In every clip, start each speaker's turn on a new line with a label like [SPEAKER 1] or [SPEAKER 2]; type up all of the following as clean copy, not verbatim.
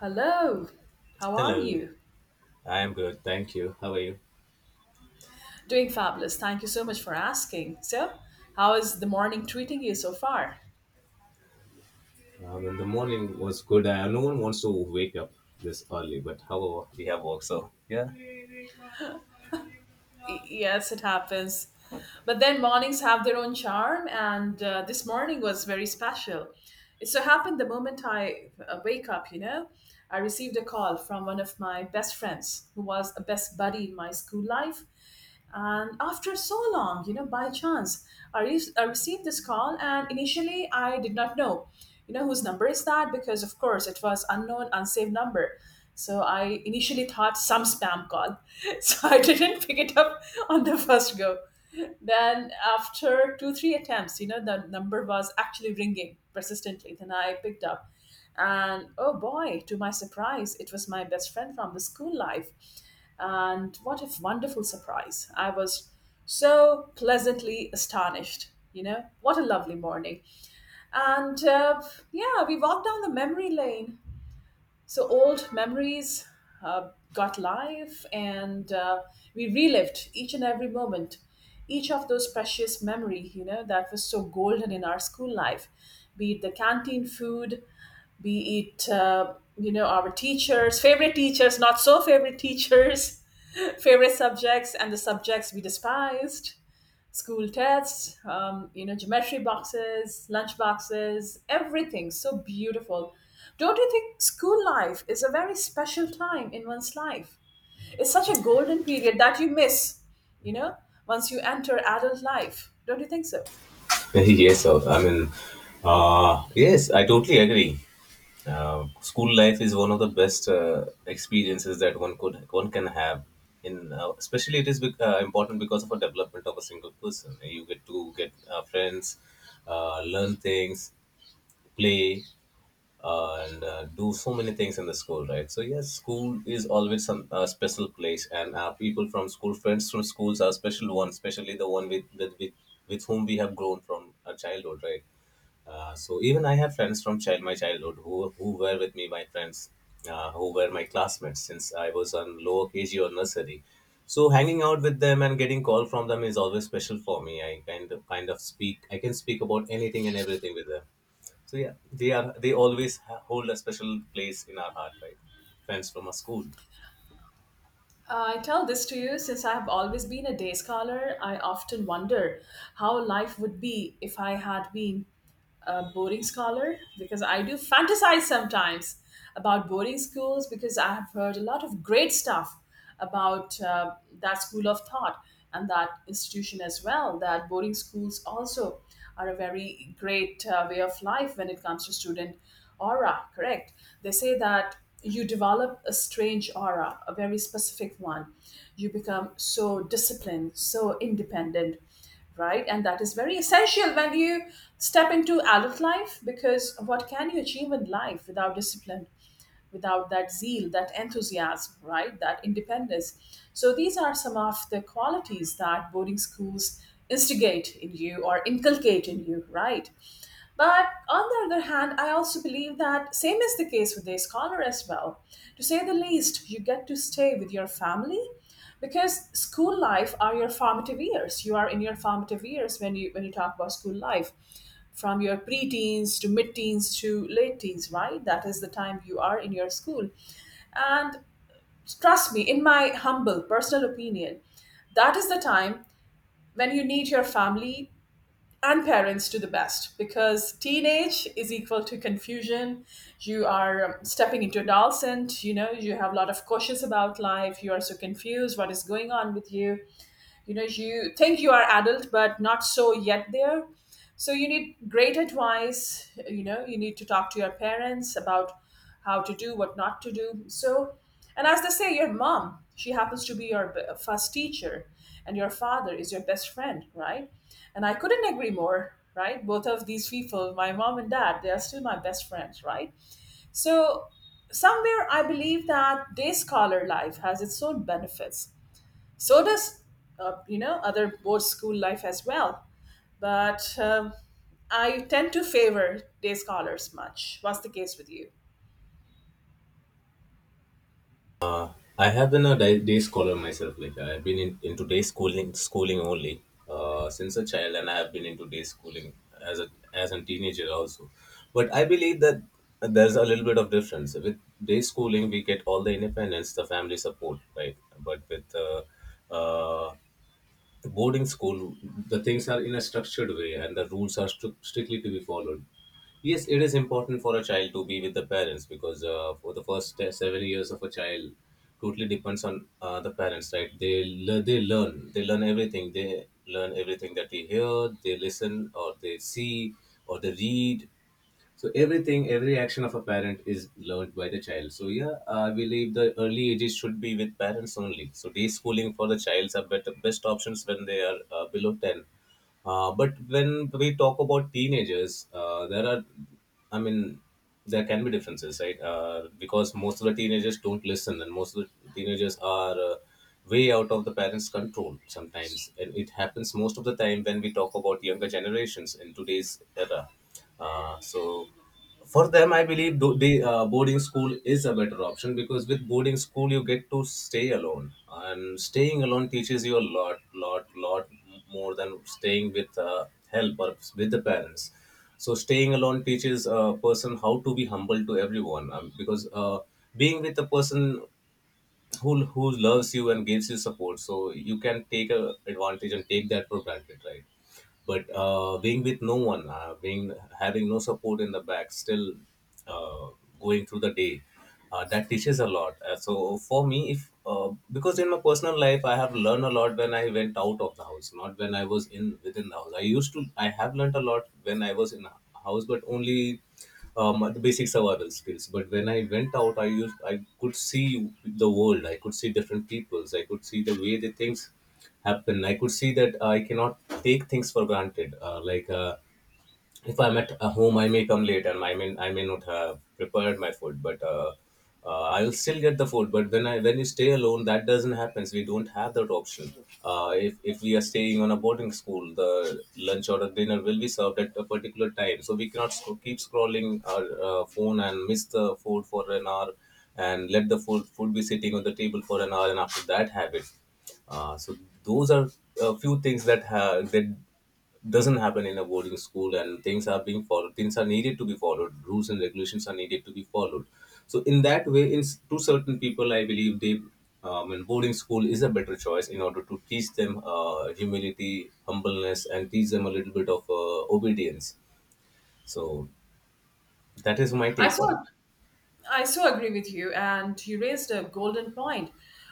[SPEAKER 1] Hello, how are
[SPEAKER 2] Hello,
[SPEAKER 1] you?
[SPEAKER 2] I am good, thank you. How are you?
[SPEAKER 1] Doing fabulous. Thank you so much for asking. So, how is the morning treating you so far?
[SPEAKER 2] And the morning was good. No one wants to wake up this early, but however, we have work, so yeah.
[SPEAKER 1] Yes, it happens. But then mornings have their own charm, and this morning was very special. It so happened the moment I wake up, I received a call from one of my best friends who was a best buddy in my school life. And after so long, by chance, I received this call, and initially I did not know, whose number is that because, of course, it was unknown, unsaved number. So I initially thought some spam call, so I didn't pick it up on the first go. Then after two three attempts, the number was actually ringing persistently. Then I picked up, and oh boy, to my surprise, it was my best friend from the school life and what a wonderful surprise. I was so pleasantly astonished. What a lovely morning. And yeah, we walked down the memory lane. So old memories got life, and we relived each and every moment, each of those precious memory, that was so golden in our school life, be it the canteen food, be it our teachers, favorite teachers, not so favorite teachers, favorite subjects and the subjects we despised, school tests, geometry boxes, lunch boxes, everything so beautiful. Don't you think school life is a very special time in one's life? It's such a golden period that you miss you know once you enter adult life. Don't you think so?
[SPEAKER 2] Yes, sir. Yes, I totally agree. School life is one of the best experiences that one can have. In especially, it is important because of a development of a single person. You get to get friends, learn things, play, and do so many things in the school, right? So yes, school is always some a special place, and our people from school, friends from schools, are special ones, especially the one with whom we have grown from a childhood, right? So even I have friends from child my childhood who were with me, my friends, who were my classmates since I was on lower KG or nursery. So hanging out with them and getting call from them is always special for me. I kind of speak. I can speak about anything and everything with them. So yeah, they always hold a special place in our heart, right? Friends from our school.
[SPEAKER 1] I tell this to you since I have always been a day scholar. I often wonder how life would be if I had been a boarding scholar because I do fantasize sometimes about boarding schools because I have heard a lot of great stuff about that school of thought and that institution as well. That boarding schools also are a very great way of life when it comes to student aura, correct? They say that you develop a strange aura, a very specific one. You become so disciplined, so independent, right? And that is very essential when you step into adult life, because what can you achieve in life without discipline, without that zeal, that enthusiasm, right? That independence. So these are some of the qualities that boarding schools instigate in you or inculcate in you, right? But on the other hand, I also believe that same is the case with a scholar as well. To say the least, you get to stay with your family because school life are your formative years. You are in your formative years when you talk about school life, from your preteens to mid-teens to late teens, right? That is the time you are in your school. And trust me, in my humble personal opinion, that is the time when you need your family and parents to the best because teenage is equal to confusion. You are stepping into adolescent. You know, you have a lot of cautious about life. You are so confused what is going on with you. You know, you think you are adult but not so yet there. So you need great advice. You know, you need to talk to your parents about how to do, what not to do. So, and as they say, your mom, she happens to be your first teacher, and your father is your best friend, right? And I couldn't agree more, right? Both of these people, my mom and dad, they are still my best friends, right? So, somewhere I believe that day scholar life has its own benefits. So does, other board school life as well. But I tend to favor day scholars much. What's the case with you?
[SPEAKER 2] Uh, I have been a day scholar myself. Like I've been into day schooling only since a child, and I have been into day schooling as a teenager also. But I believe that there's a little bit of difference. With day schooling, we get all the independence, the family support, right? But with uh, boarding school, the things are in a structured way and the rules are strictly to be followed. Yes, it is important for a child to be with the parents because for the first 7 years of a child, totally depends on the parents, right? They learn everything. They learn everything that they hear, they listen, or they see, or they read. So everything, every action of a parent is learned by the child. So yeah, I believe the early ages should be with parents only. So day schooling for the childs are better, best options when they are below 10. But when we talk about teenagers, there are, I mean, there can be differences, right? Because most of the teenagers don't listen, and most of the teenagers are way out of the parents' control sometimes. And it happens most of the time when we talk about younger generations in today's era. So for them, I believe tho- they boarding school is a better option because with boarding school you get to stay alone, and staying alone teaches you a lot more than staying with help or with the parents. So staying alone teaches a person how to be humble to everyone, because being with a person who loves you and gives you support, so you can take a advantage and take that for granted, right? But being with no one, being having no support in the back, still uh, going through the day, that teaches a lot. So for me, if because in my personal life, I have learned a lot when I went out of the house, not when I was in within the house. I have learned a lot when I was in a house, but only the basic survival skills. But when I went out, I could see the world. I could see different peoples. I could see the way they think happen I could see that I cannot take things for granted, like if I'm at home, I may come late and I may not have prepared my food, but I will still get the food. But when you stay alone, that doesn't happen. We don't have that option. If we are staying on a boarding school, the lunch or the dinner will be served at a particular time, so we cannot keep scrolling our phone and miss the food for an hour, and let the food be sitting on the table for an hour, and after that have it. So those are a few things that doesn't happen in a boarding school, and things are being followed, things are needed to be followed, rules and regulations are needed to be followed. So in that way, to certain people, I believe they and boarding school is a better choice in order to teach them humility, humbleness, and teach them a little bit of obedience. So that is my
[SPEAKER 1] i
[SPEAKER 2] take
[SPEAKER 1] saw
[SPEAKER 2] on it.
[SPEAKER 1] I so agree with you. And you raised a golden point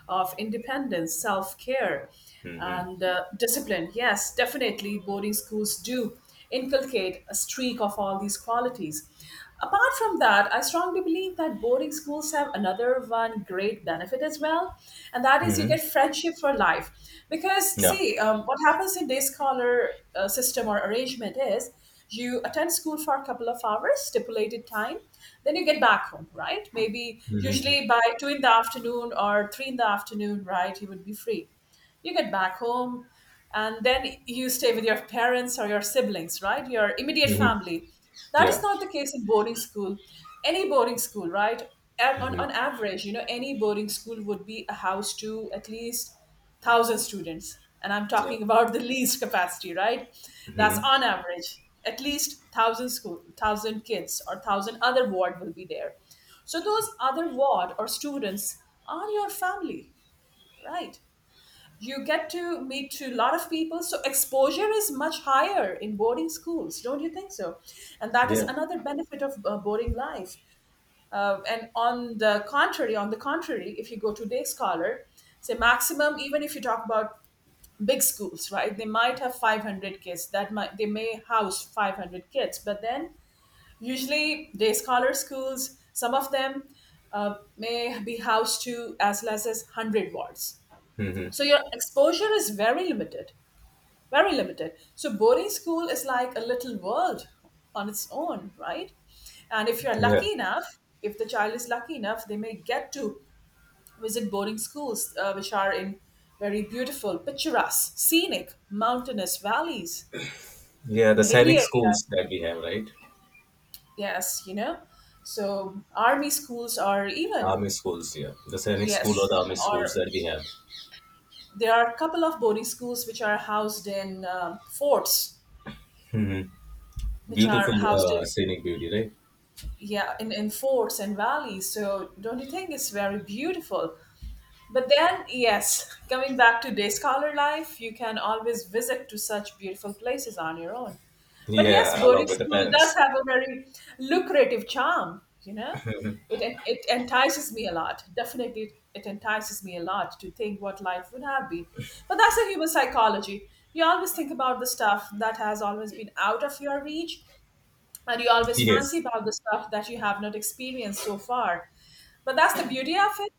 [SPEAKER 1] of independence, self care,
[SPEAKER 2] Hmm.
[SPEAKER 1] and discipline. Yes, definitely, boarding schools do inculcate a streak of all these qualities. Apart from that, I strongly believe that boarding schools have another one great benefit as well, and that is you
[SPEAKER 2] Hmm.
[SPEAKER 1] get friendship for life. Because,
[SPEAKER 2] Yeah.
[SPEAKER 1] see, what happens in day scholar system or arrangement is, you attend school for a couple of hours stipulated time, then you get back home, right? Maybe
[SPEAKER 2] Hmm.
[SPEAKER 1] usually by 2 in the afternoon or 3 in the afternoon, right, you would be free. You get back home, and then you stay with your parents or your siblings, right, your immediate
[SPEAKER 2] Hmm.
[SPEAKER 1] family. That is
[SPEAKER 2] Yeah.
[SPEAKER 1] not the case in boarding school, any boarding school, right? On
[SPEAKER 2] Hmm.
[SPEAKER 1] average, any boarding school would be a house to at least 1,000 students, and I'm
[SPEAKER 2] Yeah.
[SPEAKER 1] talking about the least capacity, right? That's
[SPEAKER 2] Hmm.
[SPEAKER 1] on average at least 1,000 school, 1,000 kids, or 1,000 other ward will be there. So those other ward or students are your family, right? You get to meet to a lot of people, so exposure is much higher in boarding schools, don't you think so? And that is
[SPEAKER 2] Yeah.
[SPEAKER 1] another benefit of boarding life. And on the contrary, if you go to day scholar, say maximum, even if you talk about big schools, right, they might have 500 kids, that might, they may house 500 kids, but then usually day scholar schools, some of them may be housed to as less as 100 wards.
[SPEAKER 2] Hmm.
[SPEAKER 1] So your exposure is very limited, very limited. So boarding school is like a little world on its own, right? And if you're
[SPEAKER 2] Yeah.
[SPEAKER 1] lucky enough, if the child is lucky enough, they may get to visit boarding schools which are in very beautiful, picturesque, scenic, mountainous valleys,
[SPEAKER 2] Yeah, the
[SPEAKER 1] the hilly
[SPEAKER 2] scenic schools
[SPEAKER 1] areas.
[SPEAKER 2] that we have, right?
[SPEAKER 1] Yes, you know. So army schools are
[SPEAKER 2] The
[SPEAKER 1] even,
[SPEAKER 2] army schools, yeah. The scenic school or
[SPEAKER 1] yes,
[SPEAKER 2] the army schools
[SPEAKER 1] or
[SPEAKER 2] that we have.
[SPEAKER 1] there are a couple of boarding schools which are housed in forts,
[SPEAKER 2] Hmm.
[SPEAKER 1] which are
[SPEAKER 2] Beautiful
[SPEAKER 1] housed in,
[SPEAKER 2] scenic beauty, right?
[SPEAKER 1] yeah, in forts and valleys. So don't you think it's very beautiful? But then, yes, coming back to day scholar life, you can always visit to such beautiful places on your own. But yes,
[SPEAKER 2] Yeah, along
[SPEAKER 1] boarding
[SPEAKER 2] with the
[SPEAKER 1] school does
[SPEAKER 2] parents.
[SPEAKER 1] have a very lucrative charm, you know? It entices me a lot. Definitely, it entices me a lot to think what life would have been. But that's a human psychology. You always think about the stuff that has always been out of your reach, and you always fancy
[SPEAKER 2] Yes,
[SPEAKER 1] about the stuff that you have not experienced so far. But that's the beauty of it.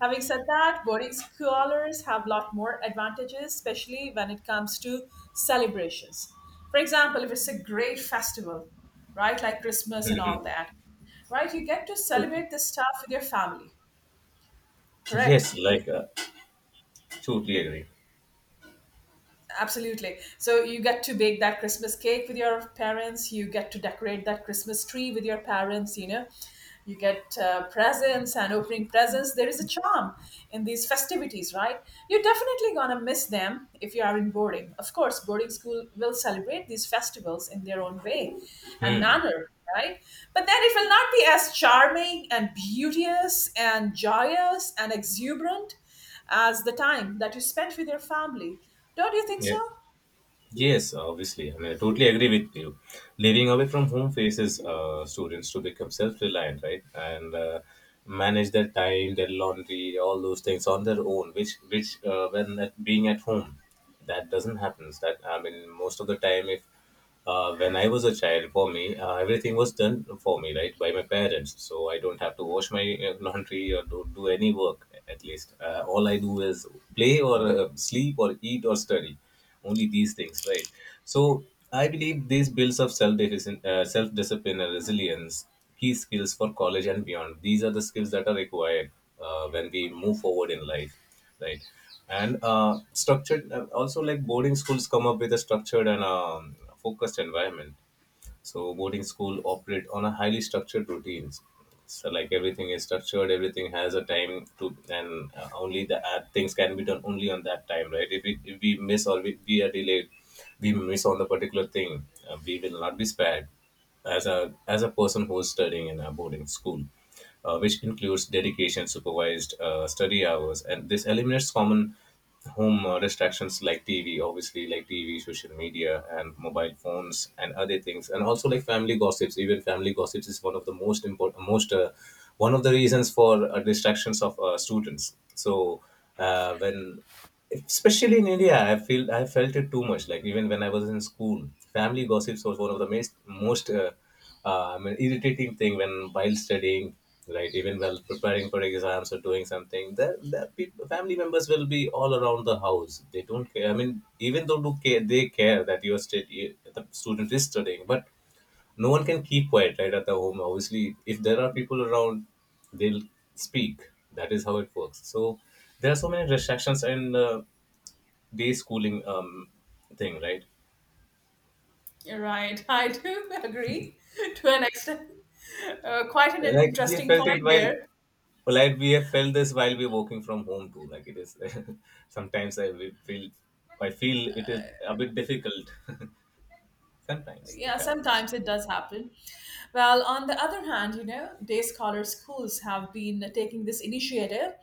[SPEAKER 1] Having said that, boarding scholars have a lot more advantages, especially when it comes to celebrations. For example, if it's a great festival, right, like Christmas and all that, right, you get to
[SPEAKER 2] totally.
[SPEAKER 1] celebrate this stuff with your family, correct?
[SPEAKER 2] Yes, like, uh, totally agree.
[SPEAKER 1] Absolutely. So you get to bake that Christmas cake with your parents, you get to decorate that Christmas tree with your parents, you get presents, and opening presents there is a charm in these festivities, right? You're definitely going to miss them if you are in boarding. Of course, boarding school will celebrate these festivals in their own way and
[SPEAKER 2] Hmm.
[SPEAKER 1] manner, right? But then it will not be as charming and beauteous and joyous and exuberant as the time that you spent with your family. Don't you think so?
[SPEAKER 2] Yeah. Yes, obviously. I mean, I totally agree with you. Living away from home faces students to become self-reliant, right? And manage their time, their laundry, all those things on their own, which being at home, that doesn't happen. That I mean, most of the time, if when I was a child, for me, everything was done for me, right, by my parents. So I don't have to wash my laundry or do any work, at least. All I do is play or sleep or eat or study. Only these things, right? So I believe these builds of self discipline and resilience, key skills for college and beyond. These are the skills that are required when we move forward in life, right? and structured also like Boarding schools come up with a structured and focused environment. So boarding school operate on a highly structured routines. So like everything is structured, everything has a time to, and only the things can be done only on that time, right? If we miss, or we are delayed, we miss on the particular thing, we will not be spared as a person who is studying in a boarding school, which includes dedication, supervised study hours, and this eliminates common home distractions like TV, obviously like TV, social media, and mobile phones, and other things, and also like family gossips. Even family gossips is one of the most important, most one of the reasons for distractions of students. So when especially in India, I felt it too much. Like even when I was in school, family gossips was one of the most irritating thing when while studying, right? Even while preparing for exams or doing something, that people, family members will be all around the house. They don't care. I mean, even though do care, they care that your state the student is studying, but no one can keep quiet right at the home. Obviously, if there are people around, they'll speak. That is how it works. So there are so many distractions and day schooling thing, right?
[SPEAKER 1] You're right, I do agree to an extent. Quite an
[SPEAKER 2] Like we have
[SPEAKER 1] interesting
[SPEAKER 2] felt it
[SPEAKER 1] point
[SPEAKER 2] while
[SPEAKER 1] there.
[SPEAKER 2] like we have felt this while we're working from home too. Like it is, sometimes I will feel I feel it is a bit difficult. Sometimes
[SPEAKER 1] Yeah,
[SPEAKER 2] it happens.
[SPEAKER 1] sometimes it does happen. Well, on the other hand, day scholar schools have been taking this initiative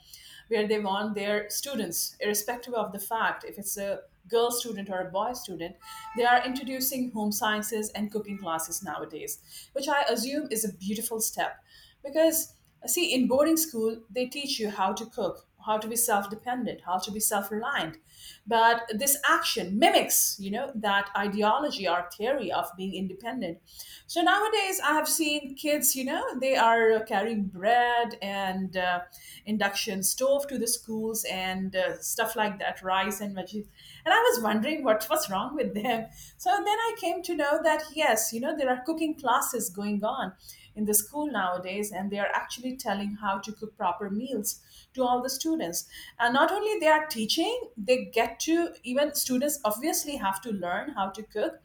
[SPEAKER 1] where they want their students, irrespective of the fact if it's a girl student or a boy student, they are introducing home sciences and cooking classes nowadays, which I assume is a beautiful step because, see, in boarding school they teach you how to cook, how to be self-dependent, how to be self-reliant. But this action mimics, that ideology or theory of being independent. So nowadays I have seen kids, they are carrying bread and induction stove to the schools and stuff like that, rice and veggies, and I was wondering what was wrong with them. So then I came to know that, yes, there are cooking classes going on in the school nowadays, and they are actually telling how to cook proper meals to all the students. And not only they are teaching, they get to, even students obviously have to learn how to cook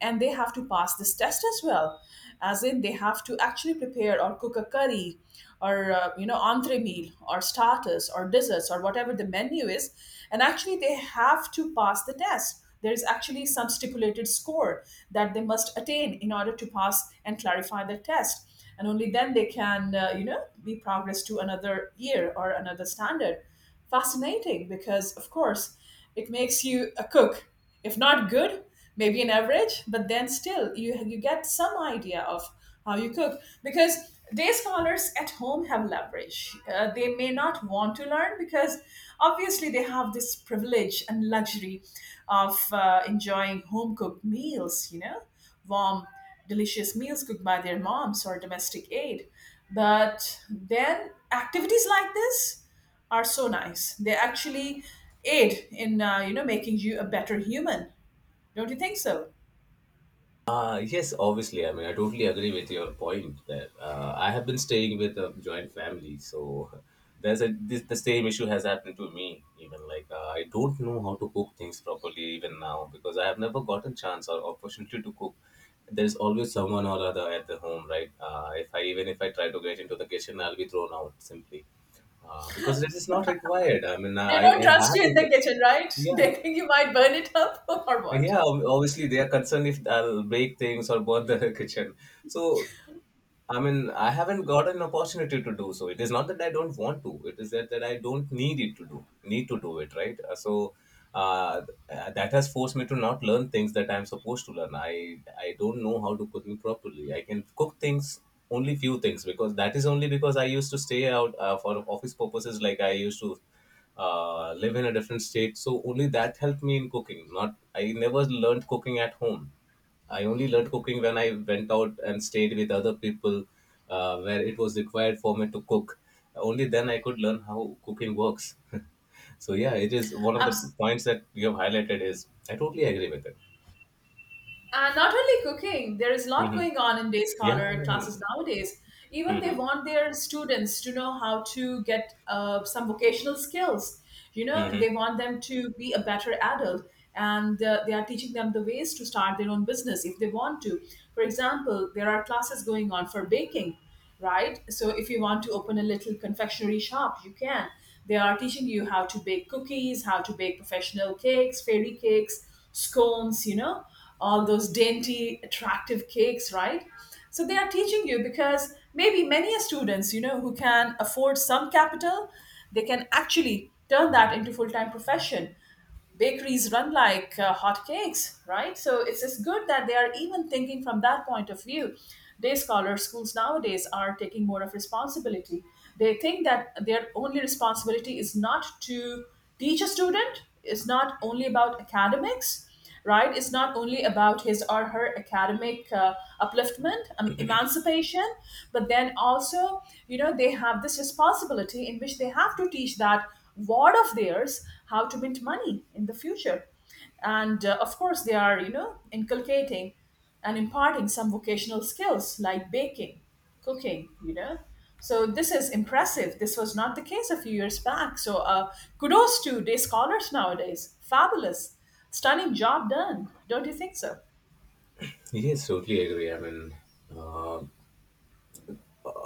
[SPEAKER 1] and they have to pass this test as well. As in, they have to actually prepare or cook a curry or entree meal or starters or desserts or whatever the menu is. And actually they have to pass the test. There is actually some stipulated score that they must attain in order to pass and clarify the test. And only then they can, be progressed to another year or another standard. Fascinating, because of course it makes you a cook, if not good, maybe an average, but then still you get some idea of how you cook, because day scholars at home have leverage. They may not want to learn because obviously they have this privilege and luxury of enjoying home cooked meals. You know, warm, delicious meals cooked by their moms or domestic aid. But then activities like this are so nice. They actually aid in making you a better human. Don't you think so?
[SPEAKER 2] Yes, obviously. I mean, I totally agree with your point there. I have been staying with a joint family, so the same issue has happened to me. Even like I don't know how to cook things properly even now because I have never gotten chance or opportunity to cook. There's always someone or other at the home, right? If I even if I try to get into the kitchen, I'll be thrown out simply because this is not required.
[SPEAKER 1] They don't
[SPEAKER 2] I
[SPEAKER 1] trust
[SPEAKER 2] have
[SPEAKER 1] you in the
[SPEAKER 2] people.
[SPEAKER 1] kitchen, right?
[SPEAKER 2] Yeah,
[SPEAKER 1] They think you might burn it up or what?
[SPEAKER 2] yeah, obviously they are concerned if I'll break things or burn the kitchen. So I mean, I haven't got an opportunity to do so. It is not that I don't want to. It is that, that I don't need to do it, right? So uh, that has forced me to not learn things that I'm supposed to learn. I don't know how to cook properly. I can cook things only few things because that is only because I used to stay out for office purposes. Like I used to live in a different state, so only that helped me in cooking. Not I never learned cooking at home. I only learned cooking when I went out and stayed with other people where it was required for me to cook. Only then I could learn how cooking works. Yeah, it is one of the
[SPEAKER 1] Absolutely.
[SPEAKER 2] points that you have highlighted is I totally agree with it.
[SPEAKER 1] And not only cooking, there is a lot
[SPEAKER 2] Hmm.
[SPEAKER 1] going on in day
[SPEAKER 2] Yeah, I
[SPEAKER 1] scholar
[SPEAKER 2] mean,
[SPEAKER 1] classes nowadays. Even they
[SPEAKER 2] hmm.
[SPEAKER 1] want their students to know how to get some vocational skills. You know,
[SPEAKER 2] Hmm.
[SPEAKER 1] they want them to be a better adult, and they are teaching them the ways to start their own business if they want to. For example, there are classes going on for baking, right? So if you want to open a little confectionery shop, you can. They are teaching you how to bake cookies, how to bake professional cakes, fairy cakes, scones, you know, all those dainty, attractive cakes, right? So they are teaching you because maybe many a students, you know, who can afford some capital, they can actually turn that into full-time profession. Bakeries run like hotcakes, right? So it's good that they are even thinking from that point of view. Day scholar schools nowadays are taking more of responsibility. They think that their only responsibility is not to teach a student, it's not only about academics, right? It's not only about his or her academic upliftment, emancipation, but then also, you know, they have this responsibility in which they have to teach that ward of theirs how to mint money in the future. And of course, they are, you know, inculcating and imparting some vocational skills like baking, cooking, you know. So this is impressive. This was not the case a few years back. So kudos to day scholars nowadays. Fabulous. Stunning job done, don't you think so?
[SPEAKER 2] Yes, totally agree. Uh,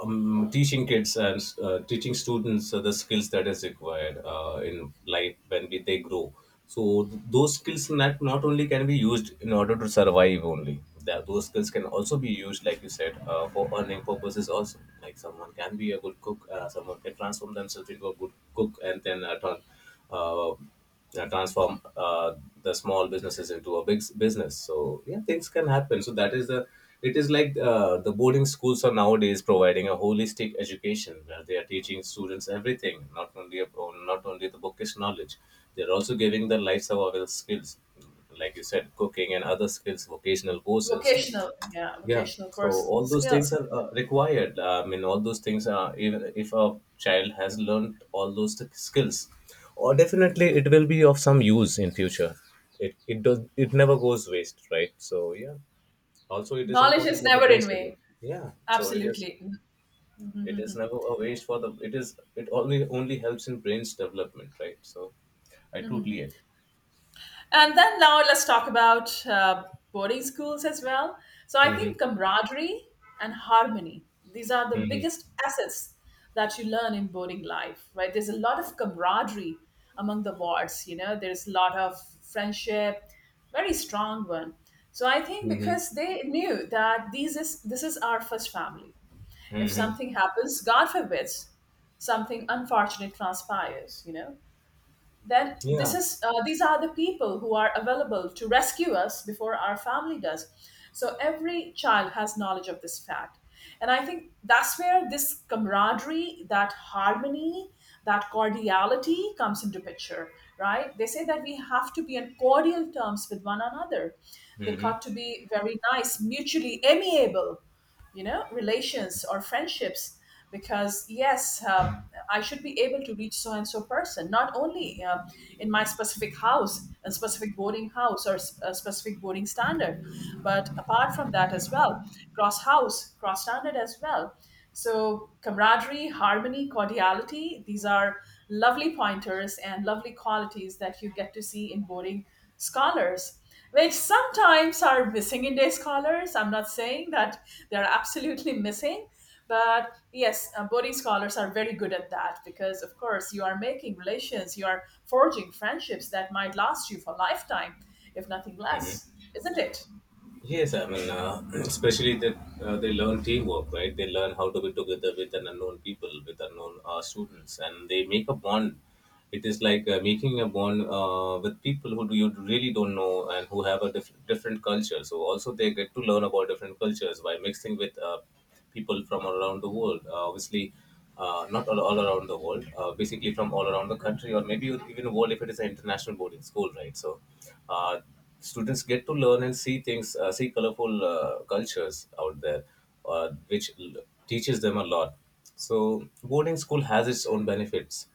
[SPEAKER 2] Teaching kids and teaching students the skills that is required in life when they grow. So those skills not only can be used in order to survive only. That those skills can also be used, like you said, for earning purposes. Also, like someone can be a good cook, someone can transform themselves into a good cook, and then uh, transform the small businesses into a business. So yeah, things can happen, so that is the, it is like, the boarding schools are nowadays providing a holistic education where they are teaching students everything, not only about, not only the bookish knowledge. They're also giving the life survival skills, like you said, cooking and other skills, vocational courses.
[SPEAKER 1] Vocational, yeah,
[SPEAKER 2] Yeah,
[SPEAKER 1] vocational
[SPEAKER 2] so
[SPEAKER 1] courses and
[SPEAKER 2] all those things
[SPEAKER 1] skills.
[SPEAKER 2] are required. I mean, all those things, are even if a child has learned all those skills, or definitely it will be of some use in future. It does, it never goes waste, right? So yeah. Also, it is
[SPEAKER 1] Knowledge
[SPEAKER 2] important
[SPEAKER 1] is
[SPEAKER 2] for the
[SPEAKER 1] never
[SPEAKER 2] brain
[SPEAKER 1] in
[SPEAKER 2] development.
[SPEAKER 1] vain.
[SPEAKER 2] Yeah. So it is,
[SPEAKER 1] Absolutely.
[SPEAKER 2] it is never a waste for the, it is, it only only helps in brain's development, right? So I totally agree.
[SPEAKER 1] And then now let's talk about boarding schools as well. So I
[SPEAKER 2] Mm-hmm.
[SPEAKER 1] think camaraderie and harmony, these are the
[SPEAKER 2] Mm-hmm.
[SPEAKER 1] biggest assets that you learn in boarding life, right? There's a lot of camaraderie among the wards, you know, there's a lot of friendship, very strong one. So I think
[SPEAKER 2] Mm-hmm.
[SPEAKER 1] because they knew that these is this is our first family. If
[SPEAKER 2] Mm-hmm.
[SPEAKER 1] something happens, God forbids, something unfortunate transpires, you know, then this
[SPEAKER 2] Yeah.
[SPEAKER 1] is these are the people who are available to rescue us before our family does. So every child has knowledge of this fact, and I think that's where this camaraderie, that harmony, that cordiality comes into picture. Right, they say that we have to be on cordial terms with one another. They
[SPEAKER 2] Mm-hmm.
[SPEAKER 1] got to be very nice, mutually amiable, you know, relations or friendships. Because yes, I should be able to reach so and so person not only in my specific house, a specific boarding house or a specific boarding standard, but apart from that as well, cross house, cross standard as well. So camaraderie, harmony, cordiality, these are lovely pointers and lovely qualities that you get to see in boarding scholars, which sometimes are missing in day scholars. I'm not saying that they're absolutely missing, but yes, Bodhi scholars are very good at that because, of course, you are making relations, you are forging friendships that might last you for a lifetime, if nothing less, isn't it?
[SPEAKER 2] Yes, I mean, especially that they learn teamwork, right? They learn how to be together with an unknown people, with unknown students, and they make a bond. It is like making a bond with people who do you really don't know and who have a different culture. So also they get to learn about different cultures by mixing with people from all around the world. Obviously, not all, all around the world, basically from all around the country or maybe even the world if it is an international boarding school, right? So, uh, students get to learn and see things, see colorful cultures out there, uh, which l- teaches them a lot. So, boarding school has its own benefits.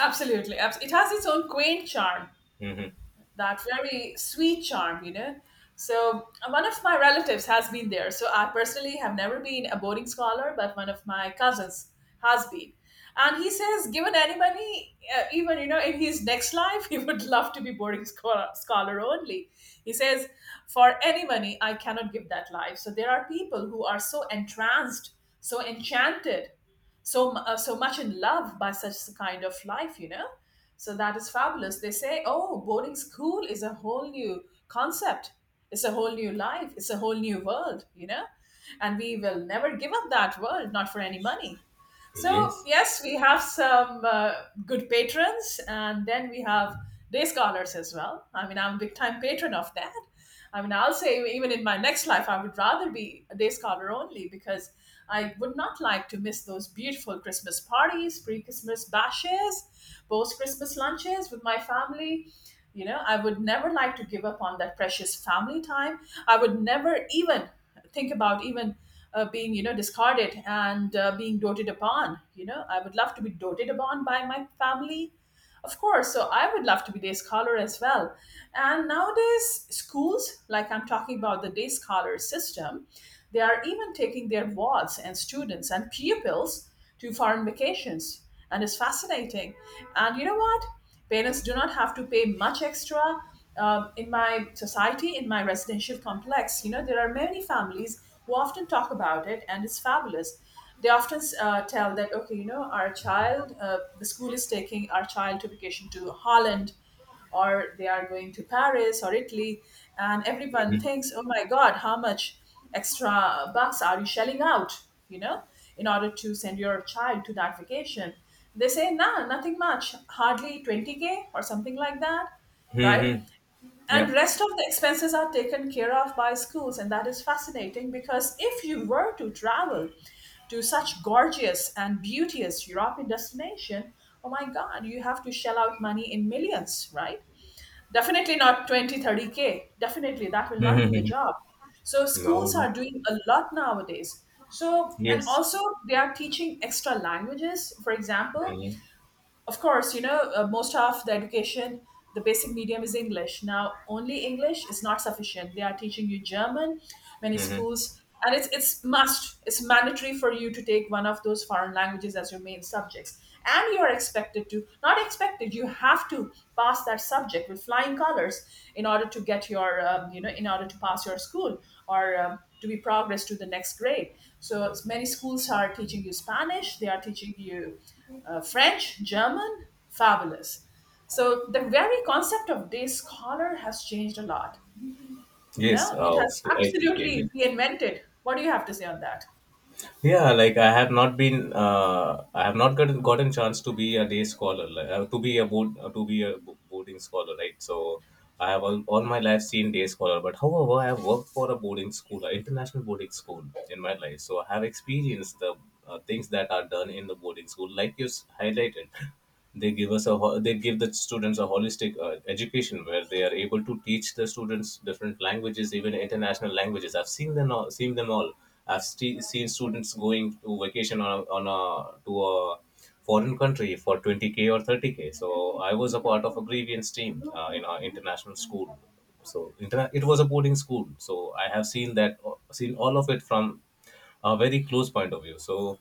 [SPEAKER 1] Absolutely. It has its own quaint charm,
[SPEAKER 2] Hmm.
[SPEAKER 1] that very sweet charm, you know. So one of my relatives has been there. So I personally have never been a boarding scholar, but one of my cousins has been. And he says, given any money, even you know, in his next life, he would love to be boarding scholar only. He says, for any money, I cannot give that life. So there are people who are so entranced, so enchanted, so much in love by such a kind of life, you know. So that is fabulous. They say, oh, boarding school is a whole new concept, it's a whole new life, it's a whole new world, you know, and we will never give up that world, not for any money. So
[SPEAKER 2] Yes.
[SPEAKER 1] yes, we have some good patrons, and then we have day scholars as well. I mean, I'm a big time patron of that. I mean, I'll say even in my next life, I would rather be a day scholar only, because I would not like to miss those beautiful Christmas parties, pre Christmas bashes, post Christmas lunches with my family. You know, I would never like to give up on that precious family time. I would never even think about even being you know discarded, and being doted upon. You know, I would love to be doted upon by my family, of course, so I would love to be day scholar as well. And nowadays, schools, like I'm talking about the day scholar system, they are even taking their wards and students and pupils to foreign vacations. And it's fascinating. And you know what? Parents do not have to pay much extra. In my society, in my residential complex, you know, there are many families who often talk about it, and it's fabulous. They often tell that, okay, you know, our child, the school is taking our child to vacation to Holland, or they are going to Paris or Italy. And everyone
[SPEAKER 2] Hmm.
[SPEAKER 1] thinks, oh my god, how much extra bucks are you shelling out, you know, in order to send your child to that vacation? They say, nah, nothing much, hardly 20K or something like that, right?
[SPEAKER 2] Hmm.
[SPEAKER 1] And
[SPEAKER 2] Yeah.
[SPEAKER 1] rest of the expenses are taken care of by schools, and that is fascinating, because if you were to travel to such gorgeous and beauteous European destination, oh my god, you have to shell out money in millions, right? Definitely not 20, 30 k, definitely that will not do the
[SPEAKER 2] Hmm.
[SPEAKER 1] job. So
[SPEAKER 2] No,
[SPEAKER 1] schools
[SPEAKER 2] no.
[SPEAKER 1] are doing a lot nowadays. So and
[SPEAKER 2] Yes.
[SPEAKER 1] also they are teaching extra languages, for example.
[SPEAKER 2] Hmm.
[SPEAKER 1] Of course, you know, most of the education, the basic medium is English. Now, only English is not sufficient. They are teaching you German, many
[SPEAKER 2] Hmm.
[SPEAKER 1] schools, and it's mandatory for you to take one of those foreign languages as your main subjects. And you are expected to, not expected, you have to pass that subject with flying colors in order to get your, you know, in order to pass your school, or to be progressed to the next grade. So many schools are teaching you Spanish, they are teaching you French, German, fabulous. So the very concept of day scholar has changed a lot. You
[SPEAKER 2] Yes,
[SPEAKER 1] know, it has
[SPEAKER 2] obviously, I totally
[SPEAKER 1] absolutely
[SPEAKER 2] agree.
[SPEAKER 1] reinvented. What do you have to say on that?
[SPEAKER 2] Yeah, like I have not been, I have not gotten gotten chance to be a day scholar, like, to be a to be a boarding scholar, right? So I have all my life seen day scholar, but however, I have worked for a boarding school, an international boarding school in my life, so I have experienced the things that are done in the boarding school, like you highlighted. They give us a they give the students a holistic education where they are able to teach the students different languages, even international languages. I've seen them all, I've seen students going to vacation on a to a foreign country for 20k or 30k. So I was a part of a grievance team in our international school. It was a boarding school, so I have seen that, seen all of it from a very close point of view. So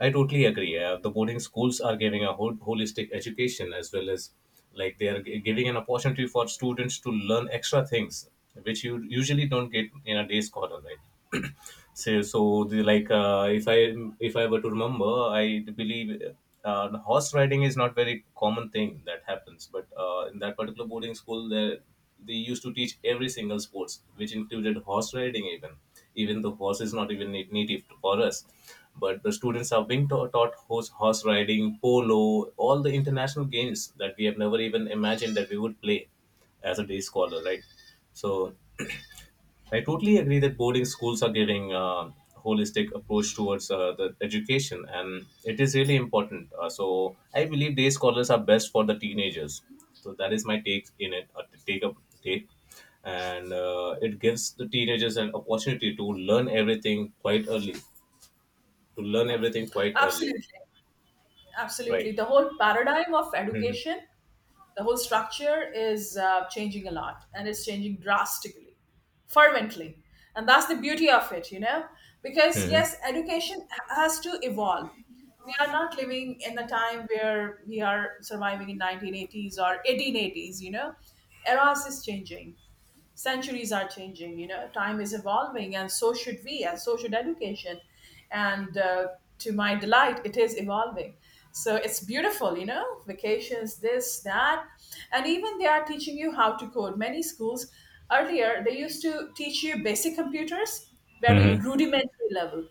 [SPEAKER 2] I totally agree. The boarding schools are giving a whole, holistic education, as well as like they are giving an opportunity for students to learn extra things which you usually don't get in a day scholar, right? So, so the, like if I were to remember, I believe the horse riding is not very common thing that happens. But in that particular boarding school, there they used to teach every single sports, which included horse riding even. Even the horse is not even native for us, but the students have been taught horse riding, polo, all the international games that we have never even imagined that we would play as a day scholar, right? So I totally agree that boarding schools are giving a holistic approach towards the education, and it is really important. So I believe day scholars are best for the teenagers. So that is my take in it. Take, and it gives the teenagers an opportunity to learn everything quite early. To learn everything quite early,
[SPEAKER 1] Absolutely, absolutely.
[SPEAKER 2] right?
[SPEAKER 1] The whole paradigm of
[SPEAKER 2] Hmm.
[SPEAKER 1] education, the whole structure is changing a lot, and it's changing drastically, fervently. And that's the beauty of it, you know, because
[SPEAKER 2] Hmm.
[SPEAKER 1] yes, education has to evolve. We are not living in a time where we are surviving in 1980s or 1880s, you know. Eras is changing, centuries are changing, you know, time is evolving, and so should we, and so should education. And to my delight, it is evolving. So it's beautiful, you know, vacations, this that, and even they are teaching you how to code, many schools. Earlier they used to teach you basic computers, very
[SPEAKER 2] Hmm.
[SPEAKER 1] rudimentary level,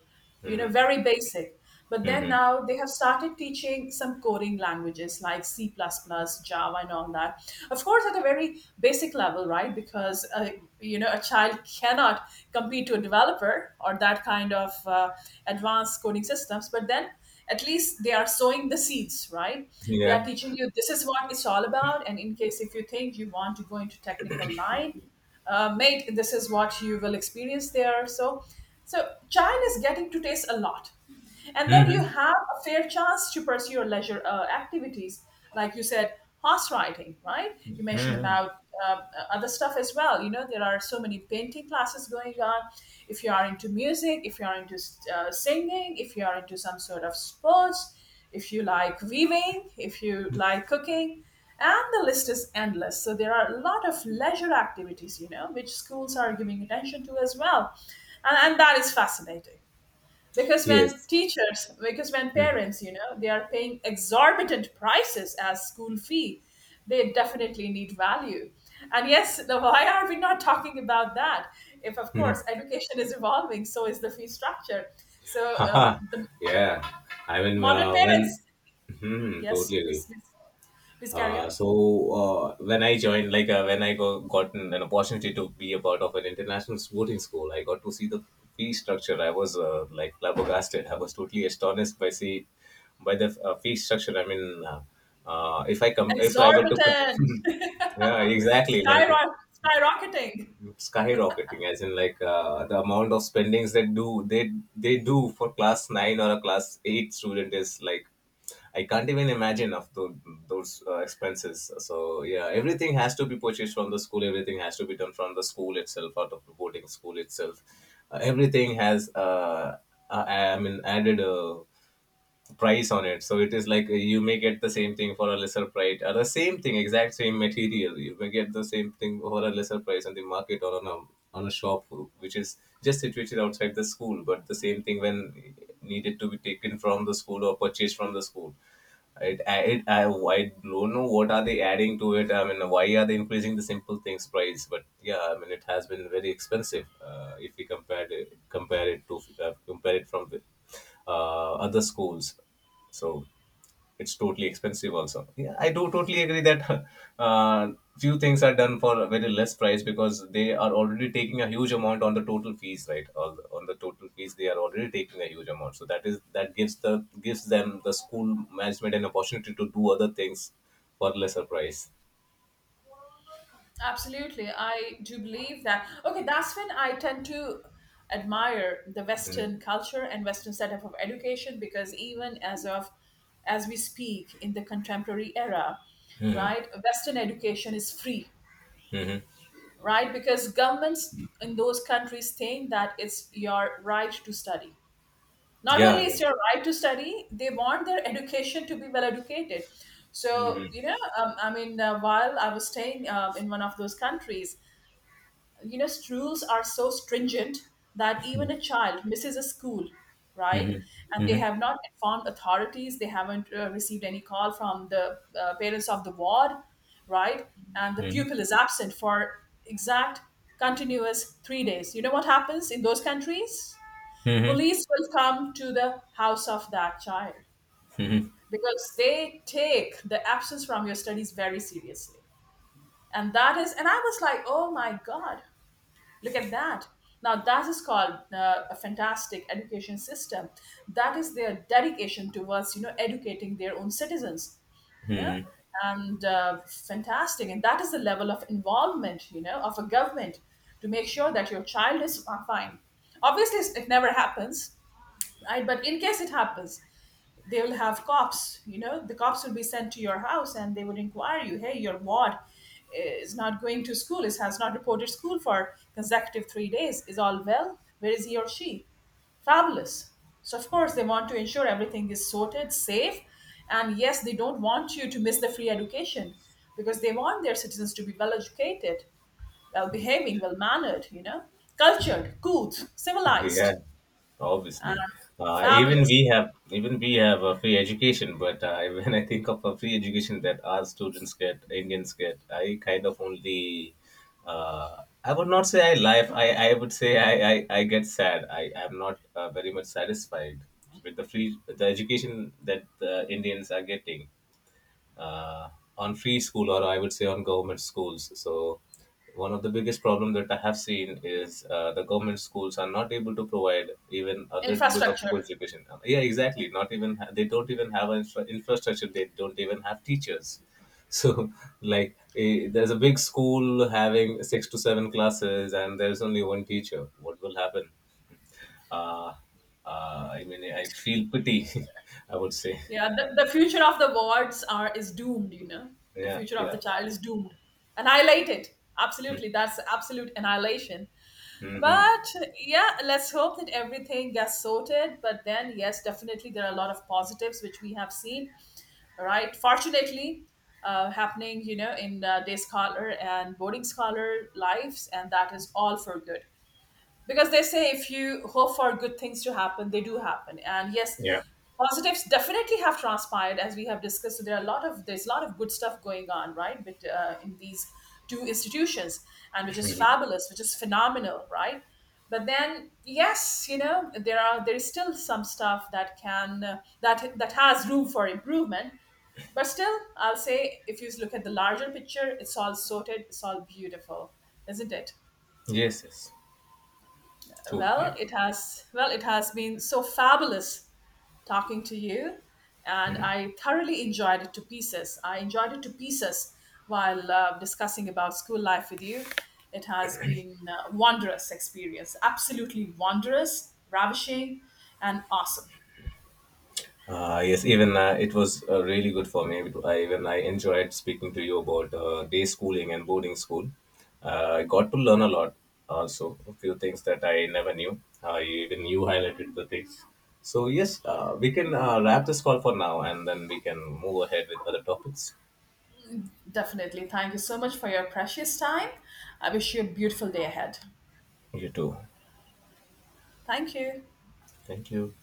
[SPEAKER 1] you know,
[SPEAKER 2] Hmm.
[SPEAKER 1] very basic. But then
[SPEAKER 2] Hmm.
[SPEAKER 1] now they have started teaching some coding languages like C++, Java, and all that. Of course, at a very basic level, right? Because you know, a child cannot compete to a developer or that kind of advanced coding systems. But then at least they are sowing the seeds, right? They are
[SPEAKER 2] Yeah.
[SPEAKER 1] teaching you this is what it's all about. And in case if you think you want to go into technical line, mate, this is what you will experience there. So child is getting to taste a lot, and then
[SPEAKER 2] Mm-hmm.
[SPEAKER 1] you have a fair chance to pursue your leisure activities like you said, horse riding, right? You mentioned about uh, other stuff as well. You know, there are so many painting classes going on. If you are into music, if you are into singing, if you are into some sort of sports, if you like weaving, if you like cooking, and the list is endless. So there are a lot of leisure activities, you know, which schools are giving attention to as well. And that is fascinating, because when
[SPEAKER 2] Yes.
[SPEAKER 1] teachers, because when
[SPEAKER 2] Hmm.
[SPEAKER 1] parents, you know, they are paying exorbitant prices as school fee. They definitely need value. And yes, now why are we not talking about that? If of course education is evolving, so is the fee structure. So,
[SPEAKER 2] Haha,
[SPEAKER 1] the
[SPEAKER 2] yeah. I mean,
[SPEAKER 1] modern
[SPEAKER 2] when,
[SPEAKER 1] parents. Mhm,
[SPEAKER 2] hmm, totally
[SPEAKER 1] yes, please,
[SPEAKER 2] agree.
[SPEAKER 1] please carry on.
[SPEAKER 2] So when I joined, like got an opportunity to be a part of an international sporting school, I got to see the fee structure. I was like flabbergasted. I was totally astonished by see, by the fee structure. I mean, if I were to
[SPEAKER 1] Exorbitant.
[SPEAKER 2] come, yeah, exactly. Like
[SPEAKER 1] skyro- skyrocketing.
[SPEAKER 2] skyrocketing as in like the amount of spendings that do they do for class 9 or a class 8 student is like, I can't even imagine of those expenses. So yeah, everything has to be purchased from the school, everything has to be done from the school itself, out of the boarding school itself. Uh, everything has I mean added a price on it. So it is like you may get the same thing for a lesser price, or the same thing, exact same material, you may get the same thing for a lesser price on the market or on a, on a shop which is just situated outside the school. But the same thing, when needed to be taken from the school or purchased from the school, I don't know what are they adding to it. I mean, why are they increasing the simple things price? But yeah, I mean, it has been very expensive. If we compare it to compare it from the, other schools, so it's totally expensive also. Yeah, I do totally agree that. Uh, few things are done for a very less price because they are already taking a huge amount on the total fees, right? On the total fees, they are already taking a huge amount, so that is that gives the, gives them the school management an opportunity to do other things for lesser price.
[SPEAKER 1] Absolutely. I do believe that. Okay, that's when I tend to admire the Western
[SPEAKER 2] Hmm.
[SPEAKER 1] culture and Western setup of education, because even as of, as we speak in the contemporary era, right, Western education is free,
[SPEAKER 2] Hmm.
[SPEAKER 1] right? Because governments in those countries think that it's your right to study. Not
[SPEAKER 2] Yeah,
[SPEAKER 1] only is
[SPEAKER 2] I
[SPEAKER 1] your right to study, they want their education to be well educated. So,
[SPEAKER 2] mean,
[SPEAKER 1] you know, while I was staying in one of those countries, you know, rules are so stringent that even a child misses a school, right,
[SPEAKER 2] hmm.
[SPEAKER 1] and they
[SPEAKER 2] Hmm.
[SPEAKER 1] have not informed authorities, they haven't received any call from the parents of the ward, right, and the pupil is absent for exact continuous 3 days. You know what happens in those countries? Police will come to the house of that child, because they take the absence from your studies very seriously. And that is, and I was like, oh my god, look at that. Now, that is called a fantastic education system. That is their dedication towards, you know, educating their own citizens, you know,
[SPEAKER 2] Hmm.
[SPEAKER 1] and fantastic. And that is the level of involvement, you know, of a government to make sure that your child is fine. Obviously, it never happens, right? But in case it happens, they will have cops, you know, the cops will be sent to your house, and they would inquire you, hey, your ward is not going to school, is has not reported school for consecutive 3 days, is all well, where is he or she? Fabulous. So of course they want to ensure everything is sorted, safe, and yes, they don't want you to miss the free education, because they want their citizens to be well educated, well behaving, well mannered, you know, cultured, good, civilized,
[SPEAKER 2] Yeah,
[SPEAKER 1] and
[SPEAKER 2] obviously.
[SPEAKER 1] fabulous
[SPEAKER 2] Even we have a free education, but when I think of a free education that our students get, Indians get, I kind of only I would not say I laugh. I would say I get sad. I am not very much satisfied with the free, the education that the Indians are getting uh, on free school, or I would say on government schools. So one of the biggest problem that I have seen is the government schools are not able to provide even a little bit of good
[SPEAKER 1] infrastructure.
[SPEAKER 2] education. Yeah, exactly. Not even they don't even have an infrastructure. They don't even have teachers. So like, eh, there's a big school having six to seven classes, and there's only one teacher. What will happen? Uh, I mean, I feel pity. I would say.
[SPEAKER 1] Yeah, the future of the wards are is doomed, you know. The
[SPEAKER 2] Yeah,
[SPEAKER 1] future of the
[SPEAKER 2] yeah.
[SPEAKER 1] child is doomed. Annihilated. Absolutely. That's absolute annihilation.
[SPEAKER 2] Hmm.
[SPEAKER 1] But yeah, let's hope that everything gets sorted. But then, yes, definitely there are a lot of positives which we have seen, right? Fortunately, happening, you know, in day scholar and boarding scholar lives, and that is all for good, because they say if you hope for good things to happen, they do happen. And yes,
[SPEAKER 2] Yeah.
[SPEAKER 1] positives definitely have transpired, as we have discussed. So there are a lot of, there's a lot of good stuff going on, right? But in these two institutions, and which is fabulous, which is phenomenal, right? But then yes, you know, there are, there is still some stuff that can that has room for improvement. But still I'll say, if you look at the larger picture, it's all sorted, it's all beautiful, isn't it?
[SPEAKER 2] Yes, yes, totally agree.
[SPEAKER 1] Well, it has been so fabulous talking to you, and I thoroughly enjoyed it to pieces. I enjoyed it to pieces while discussing about school life with you. It has been a wondrous experience, absolutely wondrous, ravishing, and awesome.
[SPEAKER 2] Yes, even it was really good for me. Even I enjoyed speaking to you about day schooling and boarding school. I got to learn a lot also, a few things that I never knew. Even you highlighted the things. So, yes, we can wrap this call for now, and then we can move ahead with other topics.
[SPEAKER 1] Definitely. Thank you so much for your precious time. I wish you a beautiful day ahead.
[SPEAKER 2] You too.
[SPEAKER 1] Thank you.
[SPEAKER 2] Thank you.